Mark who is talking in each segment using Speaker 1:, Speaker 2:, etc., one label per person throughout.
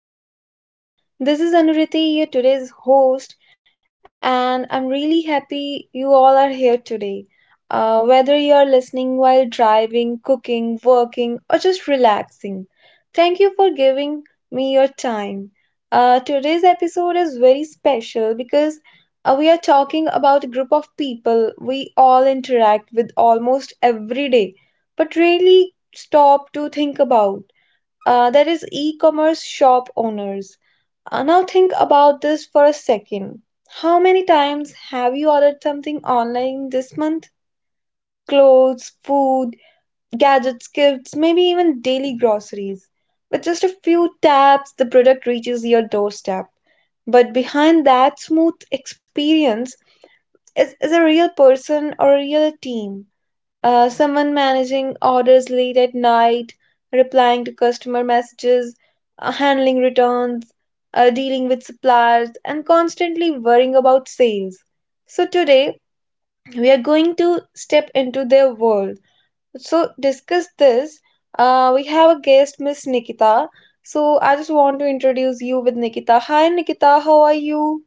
Speaker 1: back to the podcast. This is Anuriti, your today's host, and I'm really happy you all are here today. Whether you're listening while driving, cooking, working, or just relaxing, thank you for giving me your time. Today's episode is very special because we are talking about a group of people we all interact with almost every day, but really stop to think about. That is e-commerce shop owners. Now think about this for a second. How many times have you ordered something online this month? Clothes, food, gadgets, gifts, maybe even daily groceries. With just a few taps, the product reaches your doorstep. But behind that smooth experience is a real person or a real team, someone managing orders late at night, replying to customer messages, handling returns, dealing with suppliers, and constantly worrying about sales. So, today we are going to step into their world. So, discuss this. We have a guest, Miss Nikita. So, I just want to introduce you with Nikita. Hi, Nikita, how are you?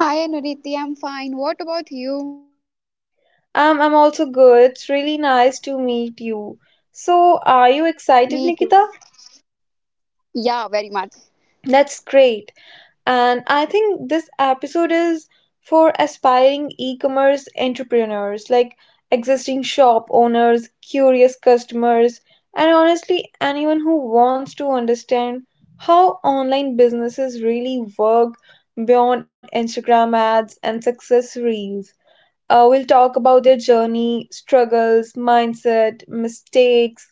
Speaker 2: Hi Anuriti, I'm fine. What about you?
Speaker 1: I'm also good. It's really nice to meet you.
Speaker 2: Me too.
Speaker 1: So, are you excited, Nikita?
Speaker 2: Yeah, very much.
Speaker 1: That's great. And I think this episode is for aspiring e commerce entrepreneurs, like existing shop owners, curious customers, and honestly, anyone who wants to understand how online businesses really work beyond Instagram ads and success reels. We'll talk about their journey, struggles, mindset, mistakes,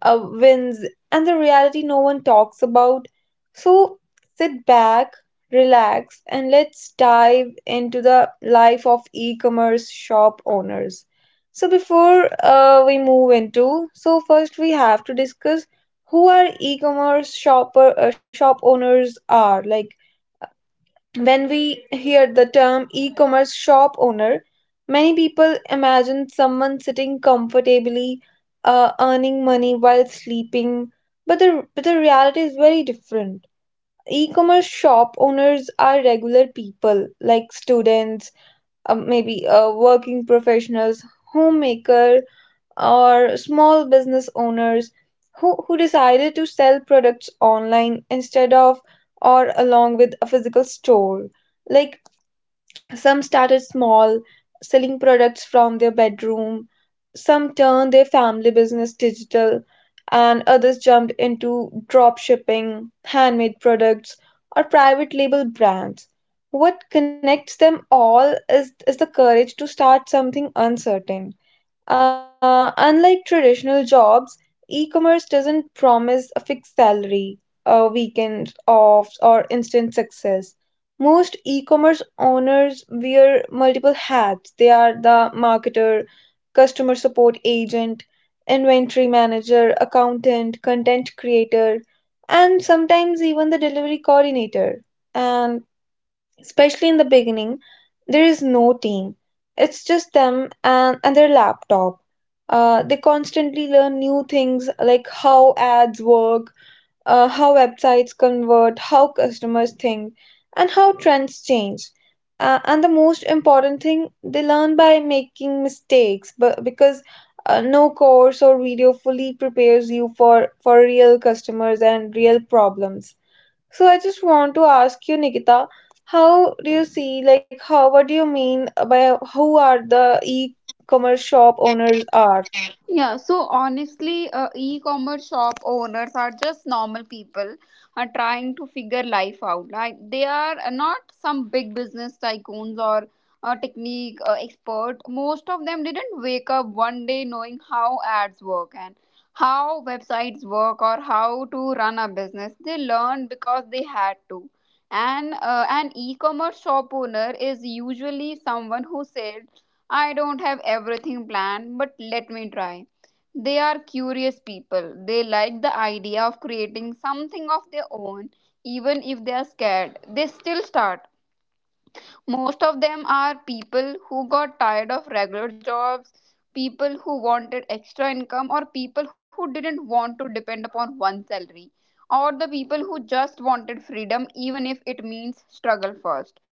Speaker 1: wins, and the reality no one talks about. So sit back, relax, and let's dive into the life of e commerce shop owners. So, before we move into, so first we have to discuss who are e-commerce shopper shop owners are. Like, when we hear the term e commerce shop owner, many people imagine someone sitting comfortably, earning money while sleeping. But the reality is very different. E commerce shop owners are regular people like students, maybe working professionals, homemaker, or small business owners who decided to sell products online instead of or along with a physical store. Like, some started small, selling products from their bedroom, some turned their family business digital, and others jumped into drop shipping, handmade products, or private label brands. What connects them all is the courage to start something uncertain. Unlike traditional jobs, e-commerce doesn't promise a fixed salary, a weekend off, or instant success. Most e-commerce owners wear multiple hats. They are the marketer, customer support agent, inventory manager, accountant, content creator, and sometimes even the delivery coordinator. And especially in the beginning, there is no team. It's just them and their laptop. They constantly learn new things like how ads work, how websites convert, how customers think, and how trends change. And the most important thing, they learn by making mistakes, but because no course or video fully prepares you for real customers and real problems. So I just want to ask you, Nikita, how do you see, like, how, what do you mean by who are the e-commerce shop owners are?
Speaker 2: Yeah, so honestly, e-commerce shop owners are just normal people trying to figure life out. Like they are not some big business tycoons or technique expert. Most of them didn't wake up one day knowing how ads work and how websites work or how to run a business. They learned because they had to. And an e-commerce shop owner is usually someone who said, I don't have everything planned, but let me try. They are curious people. They like the idea of creating something of their own, even if they are scared. They still start. Most of them are people who got tired of regular jobs, people who wanted extra income, or people who didn't want to depend upon one salary, or the people who just wanted freedom, even if it means struggle first.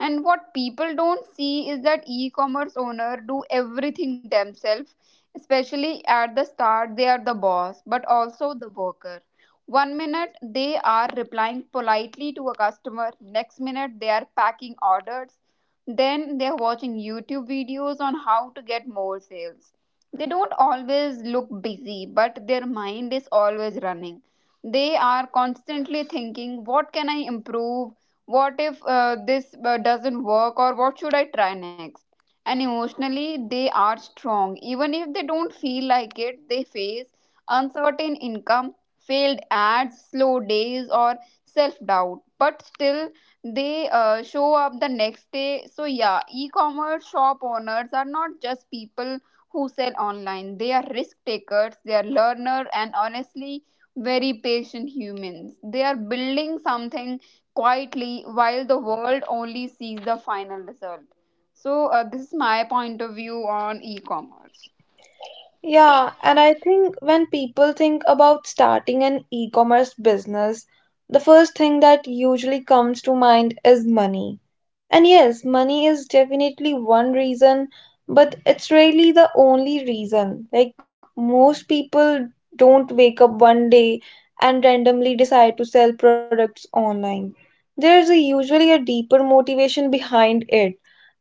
Speaker 2: And what people don't see is that e-commerce owner do everything themselves, especially at the start. They are the boss but also the worker. One minute they are replying politely to a customer, next minute they are packing orders, then they are watching YouTube videos on how to get more sales. They don't always look busy, but their mind is always running. They are constantly thinking, what can I improve, what if this doesn't work, or what should I try next? And emotionally they are strong. Even if they don't feel like it, they face uncertain income, failed ads, slow days, or self doubt, but still they show up the next day. So yeah, e-commerce shop owners are not just people who sell online. They are risk takers, they are learner, and honestly very patient humans. They are building something quietly while the world only sees the final result. So, this is my point of view on e commerce.
Speaker 1: Yeah, and I think when people think about starting an e-commerce business, the first thing that usually comes to mind is money. And yes, money is definitely one reason, but it's really the only reason. Like, most people don't wake up one day and randomly decide to sell products online. There's a, usually a deeper motivation behind it,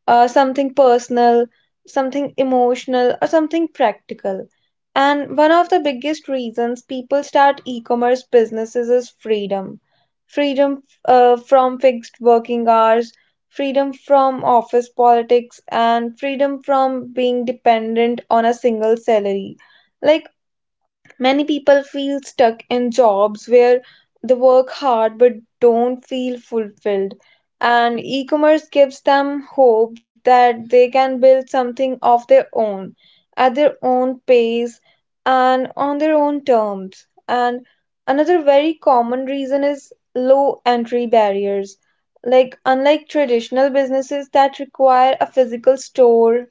Speaker 1: something personal, something emotional, or something practical. And one of the biggest reasons people start e commerce businesses is freedom, freedom from fixed working hours, freedom from office politics, and freedom from being dependent on a single salary. Like, many people feel stuck in jobs where they work hard but don't feel fulfilled. And e commerce gives them hope that they can build something of their own at their own pace and on their own terms. And another very common reason is low entry barriers. Like, unlike traditional businesses that require a physical store,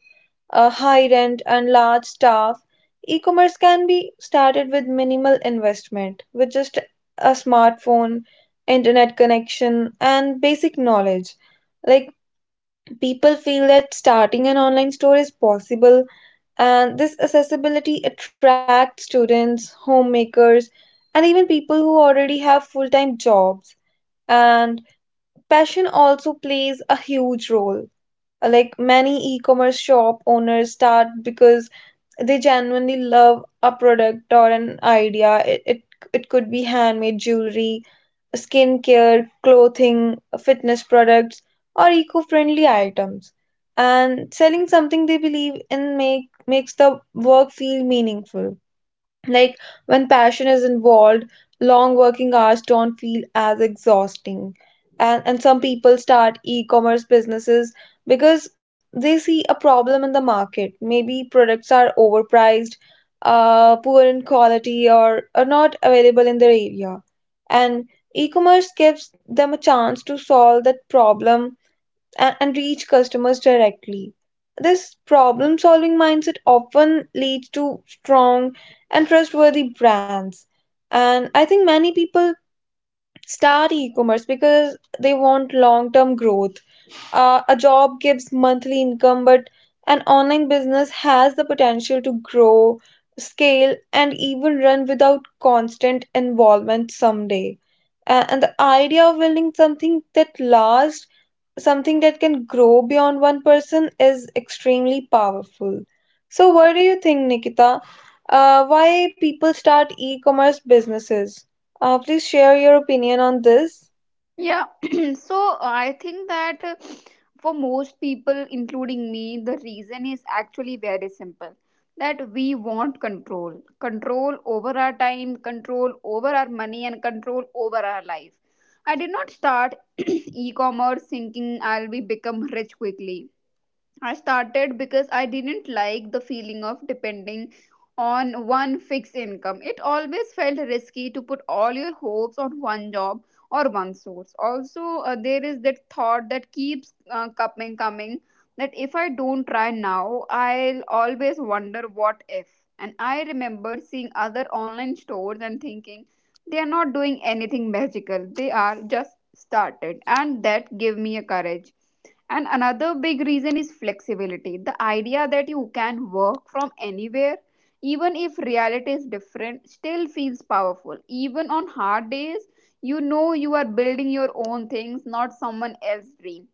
Speaker 1: a high rent, and large staff, e commerce can be started with minimal investment, with just a smartphone, internet connection, and basic knowledge. Like, people feel that starting an online store is possible, and this accessibility attracts students, homemakers, and even people who already have full time jobs. And passion also plays a huge role. Like, many e commerce shop owners start because they genuinely love a product or an idea. It could be handmade jewelry, skincare, clothing, fitness products, or eco-friendly items, and selling something they believe in makes the work feel meaningful. Like, when passion is involved, long working hours don't feel as exhausting. And some people start e commerce businesses because they see a problem in the market. Maybe products are overpriced, poor in quality, or are not available in their area. And e commerce gives them a chance to solve that problem and reach customers directly. This problem solving mindset often leads to strong and trustworthy brands. And I think many people start e commerce because they want long term growth. A job gives monthly income, but an online business has the potential to grow, scale, and even run without constant involvement someday. And the idea of building something that lasts, something that can grow beyond one person, is extremely powerful. So, what do you think, Nikita? Why people start e-commerce businesses? Please share your opinion on this.
Speaker 2: Yeah, so I think that, for most people, including me, the reason is actually very simple, that we want control over our time, control over our money, and control over our life. I did not start e commerce thinking I'll be become rich quickly. I started because I didn't like the feeling of depending on one fixed income. It always felt risky to put all your hopes on one job or one source. Also, there is that thought that keeps coming, that if I don't try now, I'll always wonder what if. And I remember seeing other online stores and thinking they are not doing anything magical, they are just started, and that gave me a courage. And another big reason is flexibility, the idea that you can work from anywhere, even if reality is different, still feels powerful. Even on hard days, you know you are building your own things, not someone else's dream.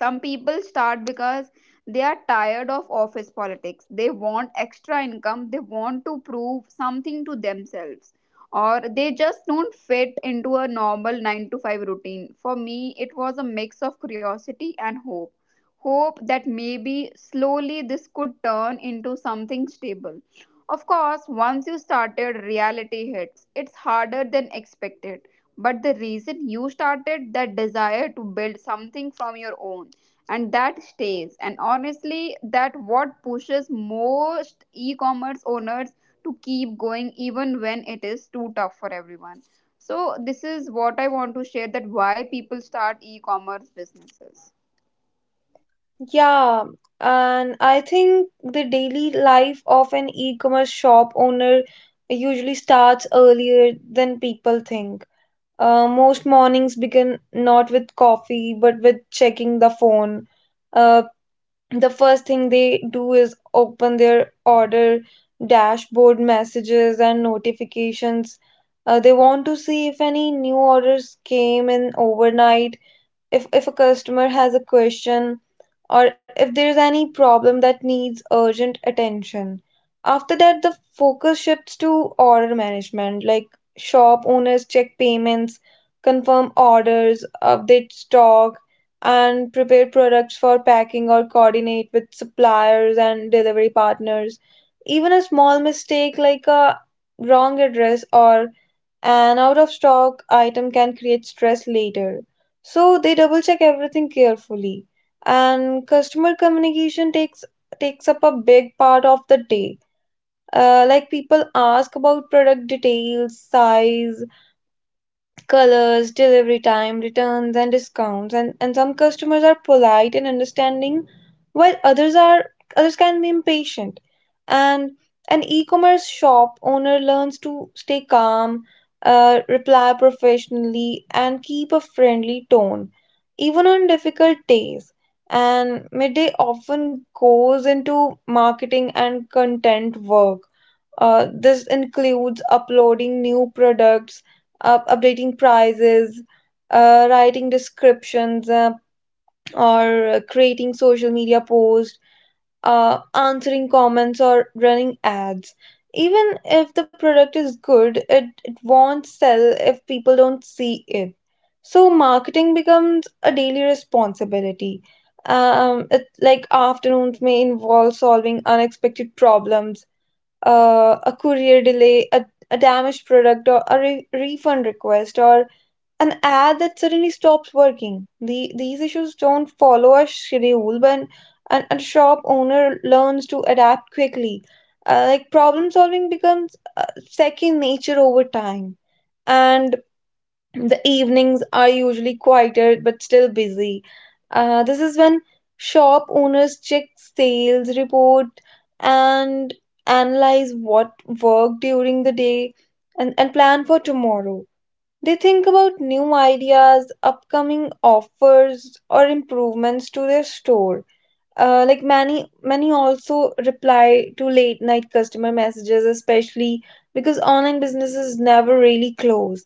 Speaker 2: Some people start because they are tired of office politics. They want extra income, they want to prove something to themselves, or they just don't fit into a normal 9 to 5 routine. For me, it was a mix of curiosity and hope. Hope that maybe slowly this could turn into something stable. Of course, once you started, reality hits. It's harder than expected, but the reason you started, that desire to build something from your own, and that stays. And honestly, that what pushes most e-commerce owners to keep going even when it is too tough for everyone. So this is what I want to share, that why people start e-commerce businesses.
Speaker 1: Yeah, and I think the daily life of an e-commerce shop owner usually starts earlier than people think. Most mornings begin not with coffee but with checking the phone. Uh, the first thing they do is open their order dashboard, messages, and notifications. They want to see if any new orders came in overnight, if a customer has a question, or if there's any problem that needs urgent attention. After that, the focus shifts to order management. Like, shop owners check payments, confirm orders, update stock, and prepare products for packing or coordinate with suppliers and delivery partners. Even a small mistake like a wrong address or an out of stock item can create stress later. So they double check everything carefully. And customer communication takes up a big part of the day. Like, people ask about product details, size, colors, delivery time, returns, and discounts. And some customers are polite and understanding, while others can be impatient. And an e-commerce shop owner learns to stay calm, reply professionally, and keep a friendly tone, even on difficult days. And midday often goes into marketing and content work. This includes uploading new products, up updating prices, writing descriptions, or creating social media posts, answering comments, or running ads. Even if the product is good, it won't sell if people don't see it. So marketing becomes a daily responsibility. Like, afternoons may involve solving unexpected problems, a courier delay, a damaged product, or a refund request, or an ad that suddenly stops working. These issues don't follow a schedule, but a shop owner learns to adapt quickly. Like, problem solving becomes second nature over time. And the evenings are usually quieter but still busy. This is when shop owners check sales report and analyze what worked during the day and plan for tomorrow. They think about new ideas, upcoming offers, or improvements to their store. Like, many also reply to late night customer messages, especially because online businesses never really close.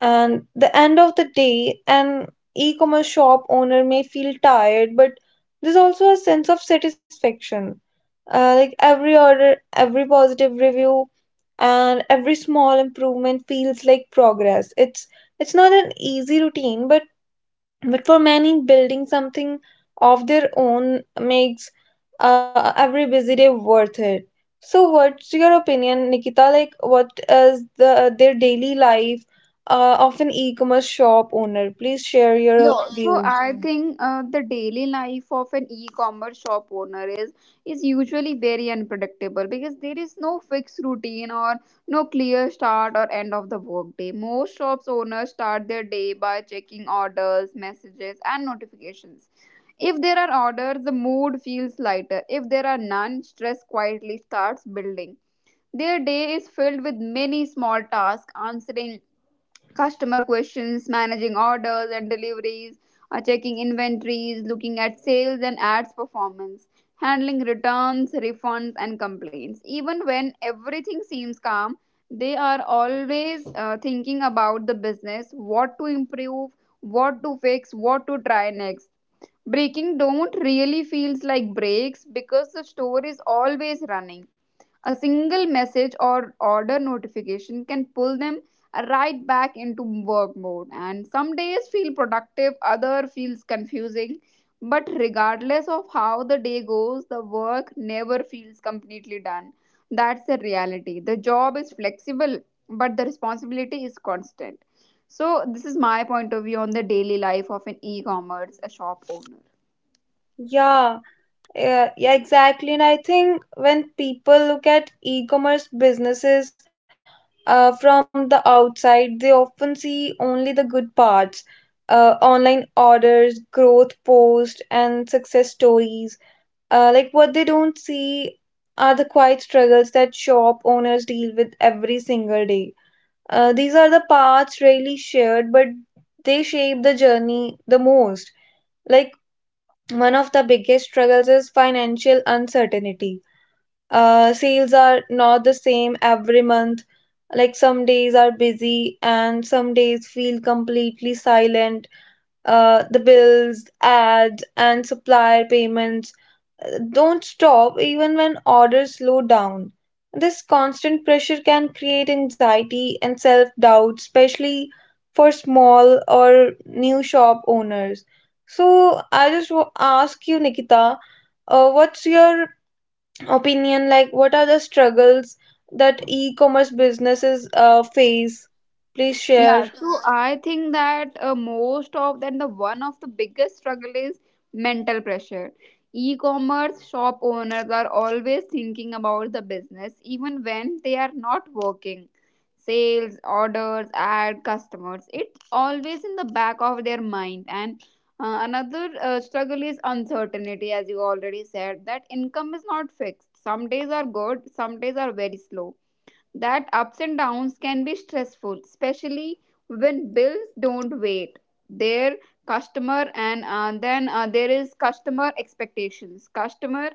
Speaker 1: And the end of the day, an e-commerce shop owner may feel tired, but there's also a sense of satisfaction. Like, every order, every positive review, and every small improvement feels like progress. It's not an easy routine, but for many, building something of their own makes every busy day worth it. So, what's your opinion, Nikita? Like, what is the their daily life of an e-commerce shop owner? Please share your
Speaker 2: Yeah, so
Speaker 1: views.
Speaker 2: I Mm. think the daily life of an e-commerce shop owner is usually very unpredictable because there is no fixed routine or no clear start or end of the workday. Most shops owners start their day by checking orders, messages, and notifications. If there are orders, the mood feels lighter. If there are none, stress quietly starts building. Their day is filled with many small tasks, answering customer questions, managing orders and deliveries, checking inventories, looking at sales and ads performance, handling returns, refunds, and complaints. Even when everything seems calm, they are always thinking about the business, what to improve, what to fix, what to try next. Breaking don't really feels like breaks because the store is always running. A single message or order notification can pull them right back into work mode. And some days feel productive, other feels confusing. But regardless of how the day goes, the work never feels completely done. That's the reality. The job is flexible, but the responsibility is constant. So, this is my point of view on the daily life of an e commerce shop owner.
Speaker 1: Yeah. Yeah, exactly. And I think when people look at e-commerce businesses from the outside, they often see only the good parts, online orders, growth posts, and success stories. Like, what they don't see are the quiet struggles that shop owners deal with every single day. These are the parts rarely shared, but they shape the journey the most. Like, one of the biggest struggles is financial uncertainty. Sales are not the same every month. Like, some days are busy and some days feel completely silent. The bills, ads, and supplier payments don't stop even when orders slow down. This constant pressure can create anxiety and self doubt, especially for small or new shop owners. So, I just ask you, Nikita, what's your opinion? Like, what are the struggles that e commerce businesses face? Please share.
Speaker 2: Yeah, so I think that, most of that, the one of the biggest struggle is mental pressure. E-commerce shop owners are always thinking about the business even when they are not working. Sales, orders, ad, customers, it's always in the back of their mind. And another struggle is uncertainty, as you already said, that income is not fixed. Some days are good, some days are very slow. That ups and downs can be stressful, especially when bills don't wait. Their customer, and then there is customer expectations. Customer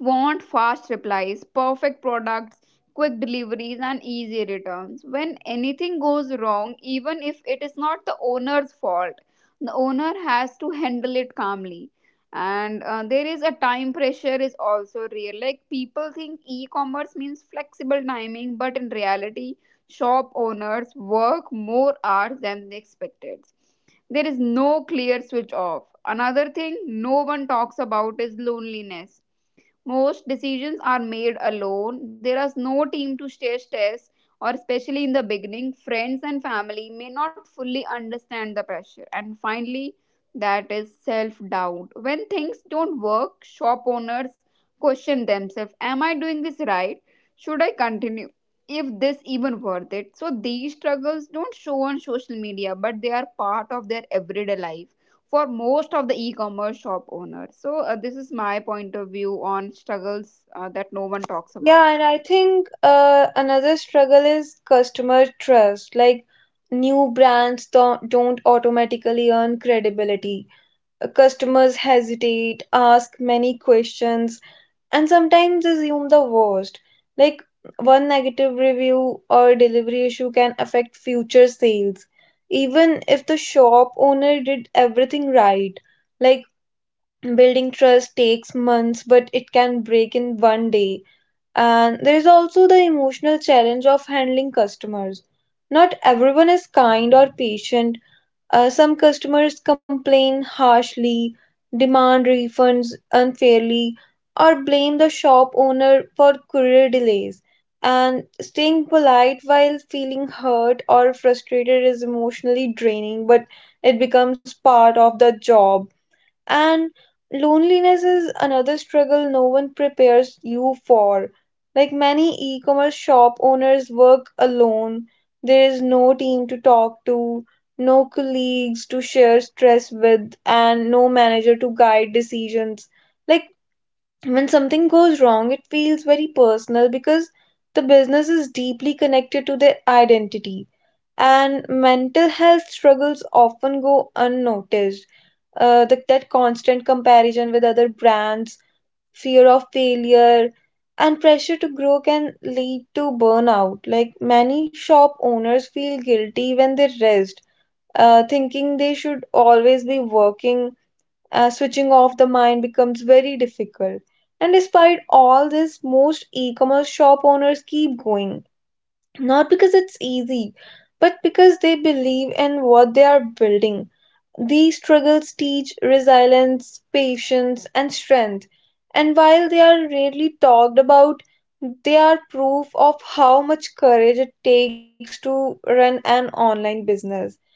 Speaker 2: want fast replies, perfect products, quick deliveries, and easy returns. When anything goes wrong, even if it is not the owner's fault, the owner has to handle it calmly. And there is a time pressure is also real. Like people think e-commerce means flexible timing, but in reality, shop owners work more hours than they expected. There is no clear switch off. Another thing no one talks about is loneliness. Most decisions are made alone. There is no team to share stress, or especially in the beginning, friends and family may not fully understand the pressure. And finally, that is self doubt. When things don't work, shop owners question themselves. Am I doing this right? Should I continue? If this even worth it? So these struggles don't show on social media, but they are part of their everyday life for most of the e-commerce shop owners. So this is my point of view on struggles that no one talks
Speaker 1: Yeah,
Speaker 2: about.
Speaker 1: and I think another struggle is customer trust. Like new brands don't automatically earn credibility. Customers hesitate, ask many questions, and sometimes assume the worst. Like one negative review or delivery issue can affect future sales, even if the shop owner did everything right. Like building trust takes months, but it can break in one day, and there is also the emotional challenge of handling customers. Not everyone is kind or patient. Some customers complain harshly, demand refunds unfairly, or blame the shop owner for courier delays. And staying polite while feeling hurt or frustrated is emotionally draining, but it becomes part of the job. And loneliness is another struggle no one prepares you for. Like many e commerce shop owners work alone, there is no team to talk to, no colleagues to share stress with, and no manager to guide decisions. Like when something goes wrong, it feels very personal because the business is deeply connected to their identity, and mental health struggles often go unnoticed. That constant comparison with other brands, fear of failure, and pressure to grow can lead to burnout. Like many shop owners feel guilty when they rest, thinking they should always be working. Switching off the mind becomes very difficult. And despite all this, most e commerce shop owners keep going, not because it's easy, but because they believe in what they are building. These struggles teach resilience, patience, and strength. And while they are rarely talked about, they are proof of how much courage it takes to run an online business.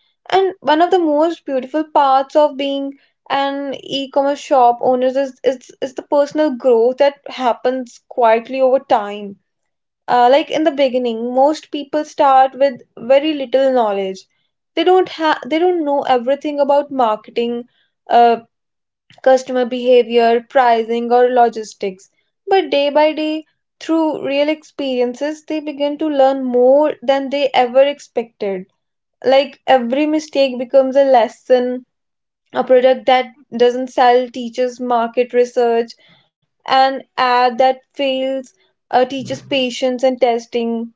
Speaker 1: And one of the most beautiful parts of being an e commerce shop owner is the personal growth that happens quietly over time. Like in the beginning, most people start with very little knowledge. They don't know everything about marketing, uh, customer behavior, pricing, or logistics. But day by day, through real experiences, they begin to learn more than they ever expected. Like every mistake becomes a lesson. A product that doesn't sell teaches market research, an ad that fails teaches patience and testing,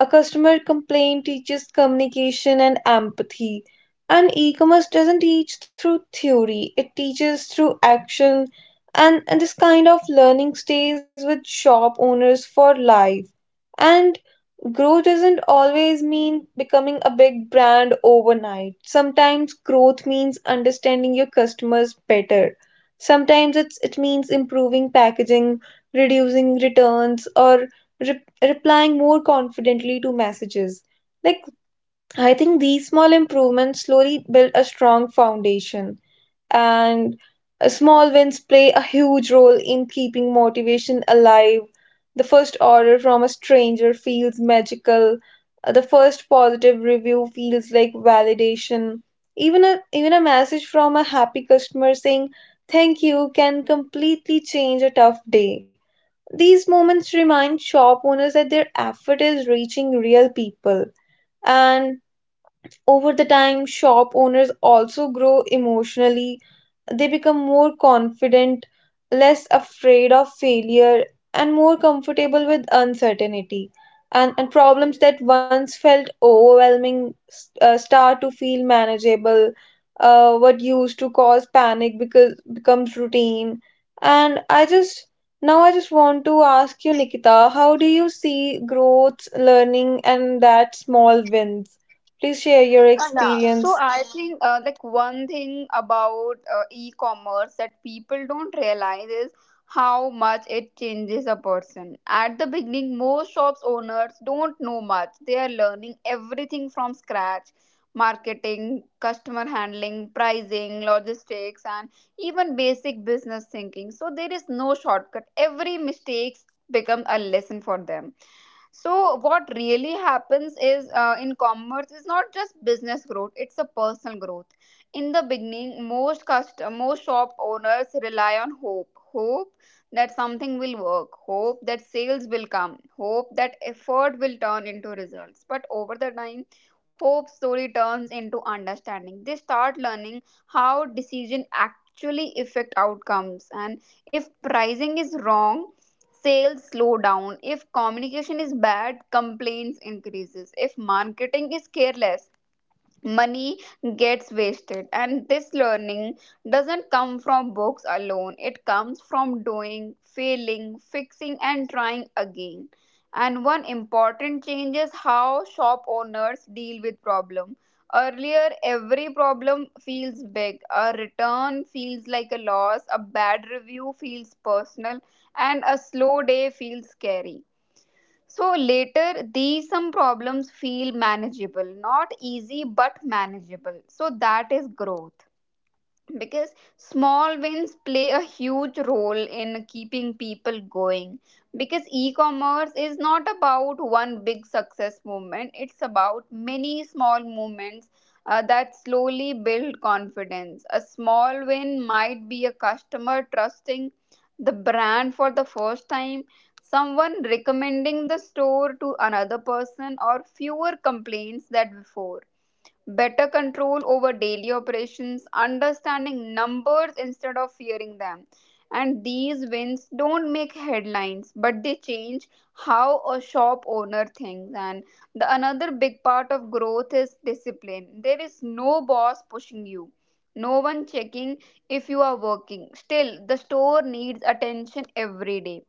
Speaker 1: a customer complaint teaches communication and empathy. And e commerce doesn't teach through theory, it teaches through action. And this kind of learning stays with shop owners for life. And growth doesn't always mean becoming a big brand overnight. Sometimes growth means understanding your customers better. It means improving packaging, reducing returns, or replying more confidently to messages. Like, I think these small improvements slowly build a strong foundation, and small wins play a huge role in keeping motivation alive. The first order from a stranger feels magical. The first positive review feels like validation. Even a message from a happy customer saying thank you can completely change a tough day. These moments remind shop owners that their effort is reaching real people. And over the time, shop owners also grow emotionally. They become more confident, less afraid of failure, and more comfortable with uncertainty. And problems that once felt overwhelming start to feel manageable. What used to cause panic because becomes routine. And I just Now I just want to ask you, Nikita, how do you see growth, learning, and that small wins? Please share your
Speaker 2: Yeah, so
Speaker 1: experience.
Speaker 2: I think, like one thing about e-commerce that people don't realize is how much it changes a person. At the beginning, most shops owners don't know much. They are learning everything from scratch, marketing, customer handling, pricing, logistics, and even basic business thinking. So there is no shortcut. Every mistakes become a lesson for them. So what really happens is, in commerce is not just business growth, it's a personal growth. In the beginning, most most shop owners rely on hope. Hope that something will work, hope that sales will come, hope that effort will turn into results. But over the time, hope slowly turns into understanding. They start learning how decision actually affect outcomes. And if pricing is wrong, sales slow down. If communication is bad, complaints increases. If marketing is careless, money gets wasted. And this learning doesn't come from books alone, it comes from doing, failing, fixing, and trying again. And one important change is how shop owners deal with problem. Earlier, every problem feels big. A return feels like a loss, a bad review feels personal, and a slow day feels scary. So later, these some problems feel manageable, not easy but manageable. So that is growth, because small wins play a huge role in keeping people going, because e-commerce is not about one big success movement, it's about many small movements that slowly build confidence. A small win might be a customer trusting the brand for the first time, someone recommending the store to another person, or fewer complaints than before, better control over daily operations, understanding numbers instead of fearing them. And these wins don't make headlines, but they change how a shop owner thinks. And the another big part of growth is discipline. There is no boss pushing you, no one checking if you are working. Still, the store needs attention every day.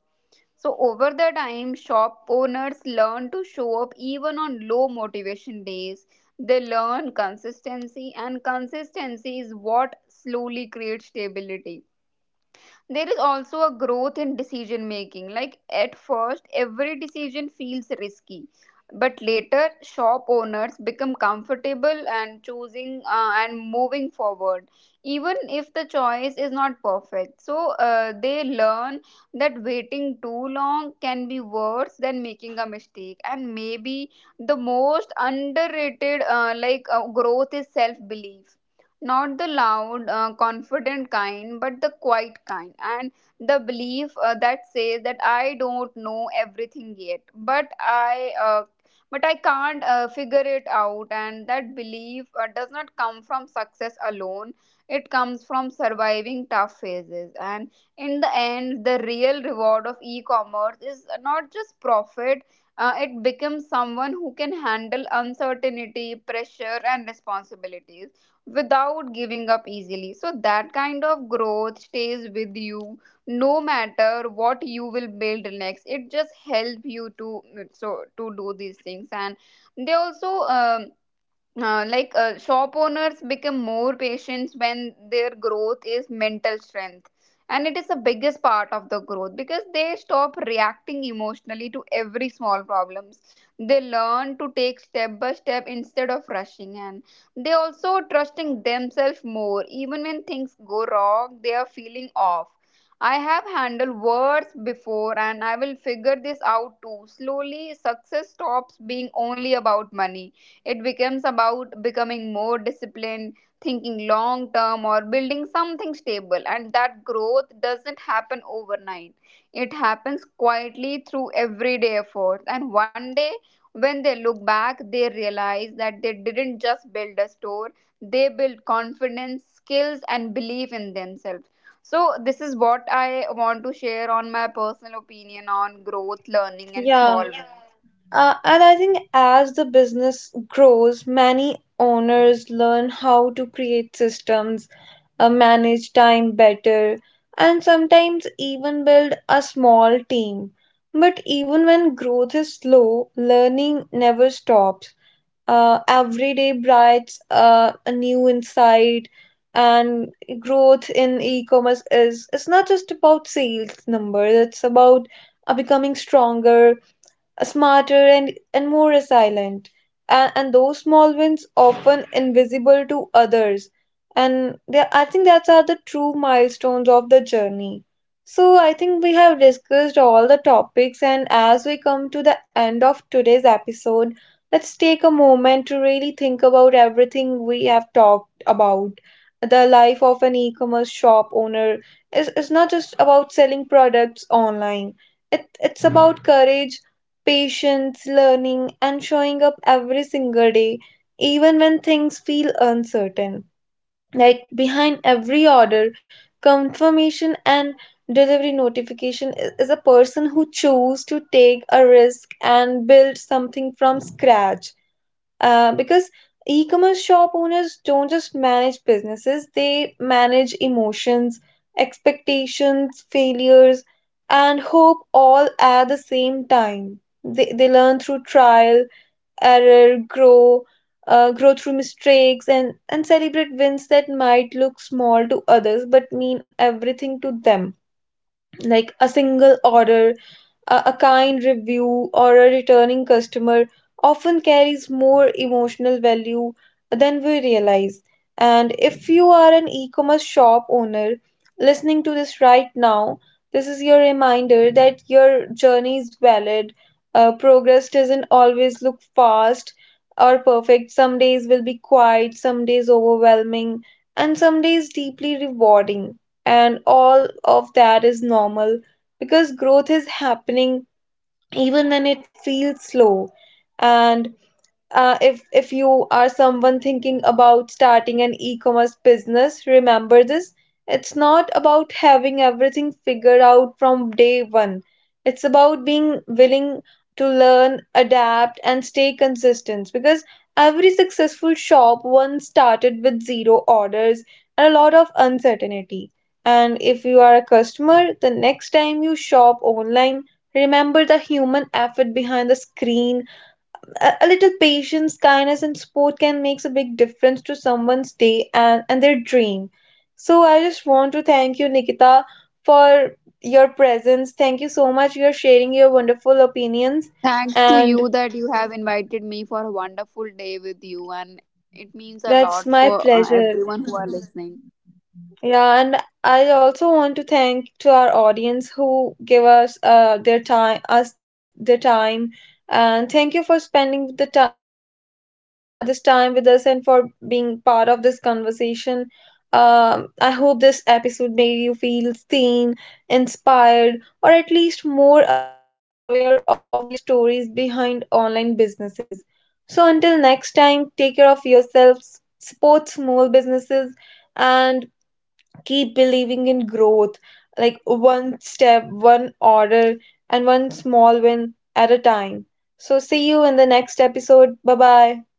Speaker 2: So, over the time, shop owners learn to show up even on low motivation days. They learn consistency, and consistency is what slowly creates stability. There is also a growth in decision making. Like at first, every decision feels risky, but later shop owners become comfortable and choosing and moving forward even if the choice is not perfect. So they learn that waiting too long can be worse than making a mistake. And maybe the most underrated growth is self belief, not the loud confident kind but the quiet kind. And the belief that says that I don't know everything yet, but I but I can't figure it out. And that belief does not come from success alone, it comes from surviving tough phases. And in the end, the real reward of e-commerce is not just profit. It becomes someone who can handle uncertainty, pressure, and responsibilities without giving up easily. So that kind of growth stays with you no matter what you will build next. It just help you to so to do these things. And they also shop owners become more patient when their growth is mental strength, and it is the biggest part of the growth, because they stop reacting emotionally to every small problems. They learn to take step by step instead of rushing, and they also trusting themselves more. Even when things go wrong, they are feeling off, I have handled worse before and I will figure this out too. Slowly, success stops being only about money. It becomes about becoming more disciplined, thinking long term, or building something stable. And that growth doesn't happen overnight, it happens quietly through everyday efforts. And one day, when they look back, they realize that they didn't just build a store, they built confidence, skills, and belief in themselves. So, this is what I want to share on my personal opinion on growth, learning, and
Speaker 1: Yeah.
Speaker 2: small wins.
Speaker 1: And I think as the business grows, many owners learn how to create systems, manage time better, and sometimes even build a small team. But even when growth is slow, learning never stops. Every day brings a new insight, and growth in e-commerce is it's not just about sales numbers. It's about becoming stronger, smarter, and more resilient. And those small wins, often invisible to others. I think that's are the true milestones of the journey. So I think we have discussed all the topics, and as we come to the end of today's episode, let's take a moment to really think about everything we have talked about. The life of an e-commerce shop owner is not just about selling products online. It's about courage, patience, learning, and showing up every single day, even when things feel uncertain. Like behind every order, confirmation, and delivery notification is a person who chose to take a risk and build something from scratch. Because e-commerce shop owners don't just manage businesses, they manage emotions, expectations, failures, and hope all at the same time. They learn through trial, error, grow through mistakes, and celebrate wins that might look small to others but mean everything to them. Like a single order, a kind review, or a returning customer often carries more emotional value than we realize. And if you are an e commerce shop owner listening to this right now, this is your reminder that your journey is valid. Progress doesn't always look fast or perfect. Some days will be quiet, some days overwhelming, and some days deeply rewarding. And all of that is normal because growth is happening even when it feels slow. And if you are someone thinking about starting an e-commerce business, remember this. It's not about having everything figured out from day one. It's about being willing to learn, adapt, and stay consistent, because every successful shop once started with zero orders and a lot of uncertainty. And if you are a customer, the next time you shop online, remember the human effort behind the screen. A little patience, kindness, and support can makes a big difference to someone's day and their dream. So I just want to thank you, Nikita, for your presence. Thank you so much. You're sharing your wonderful opinions,
Speaker 2: Thanks to you
Speaker 1: and
Speaker 2: that you have invited me for a wonderful day with you, and it means a lot for
Speaker 1: that's my
Speaker 2: everyone
Speaker 1: pleasure.
Speaker 2: who are listening.
Speaker 1: Yeah, and I also want to thank to our audience who give us us their time, and thank you for spending the ti this time with us and for being part of this conversation. I hope this episode made you feel seen, inspired, or at least more aware of the real stories behind online businesses. So until next time, take care of yourselves, support small businesses, and keep believing in growth, like one step, one order, and one small win at a time. So, see you in the next episode. Bye bye.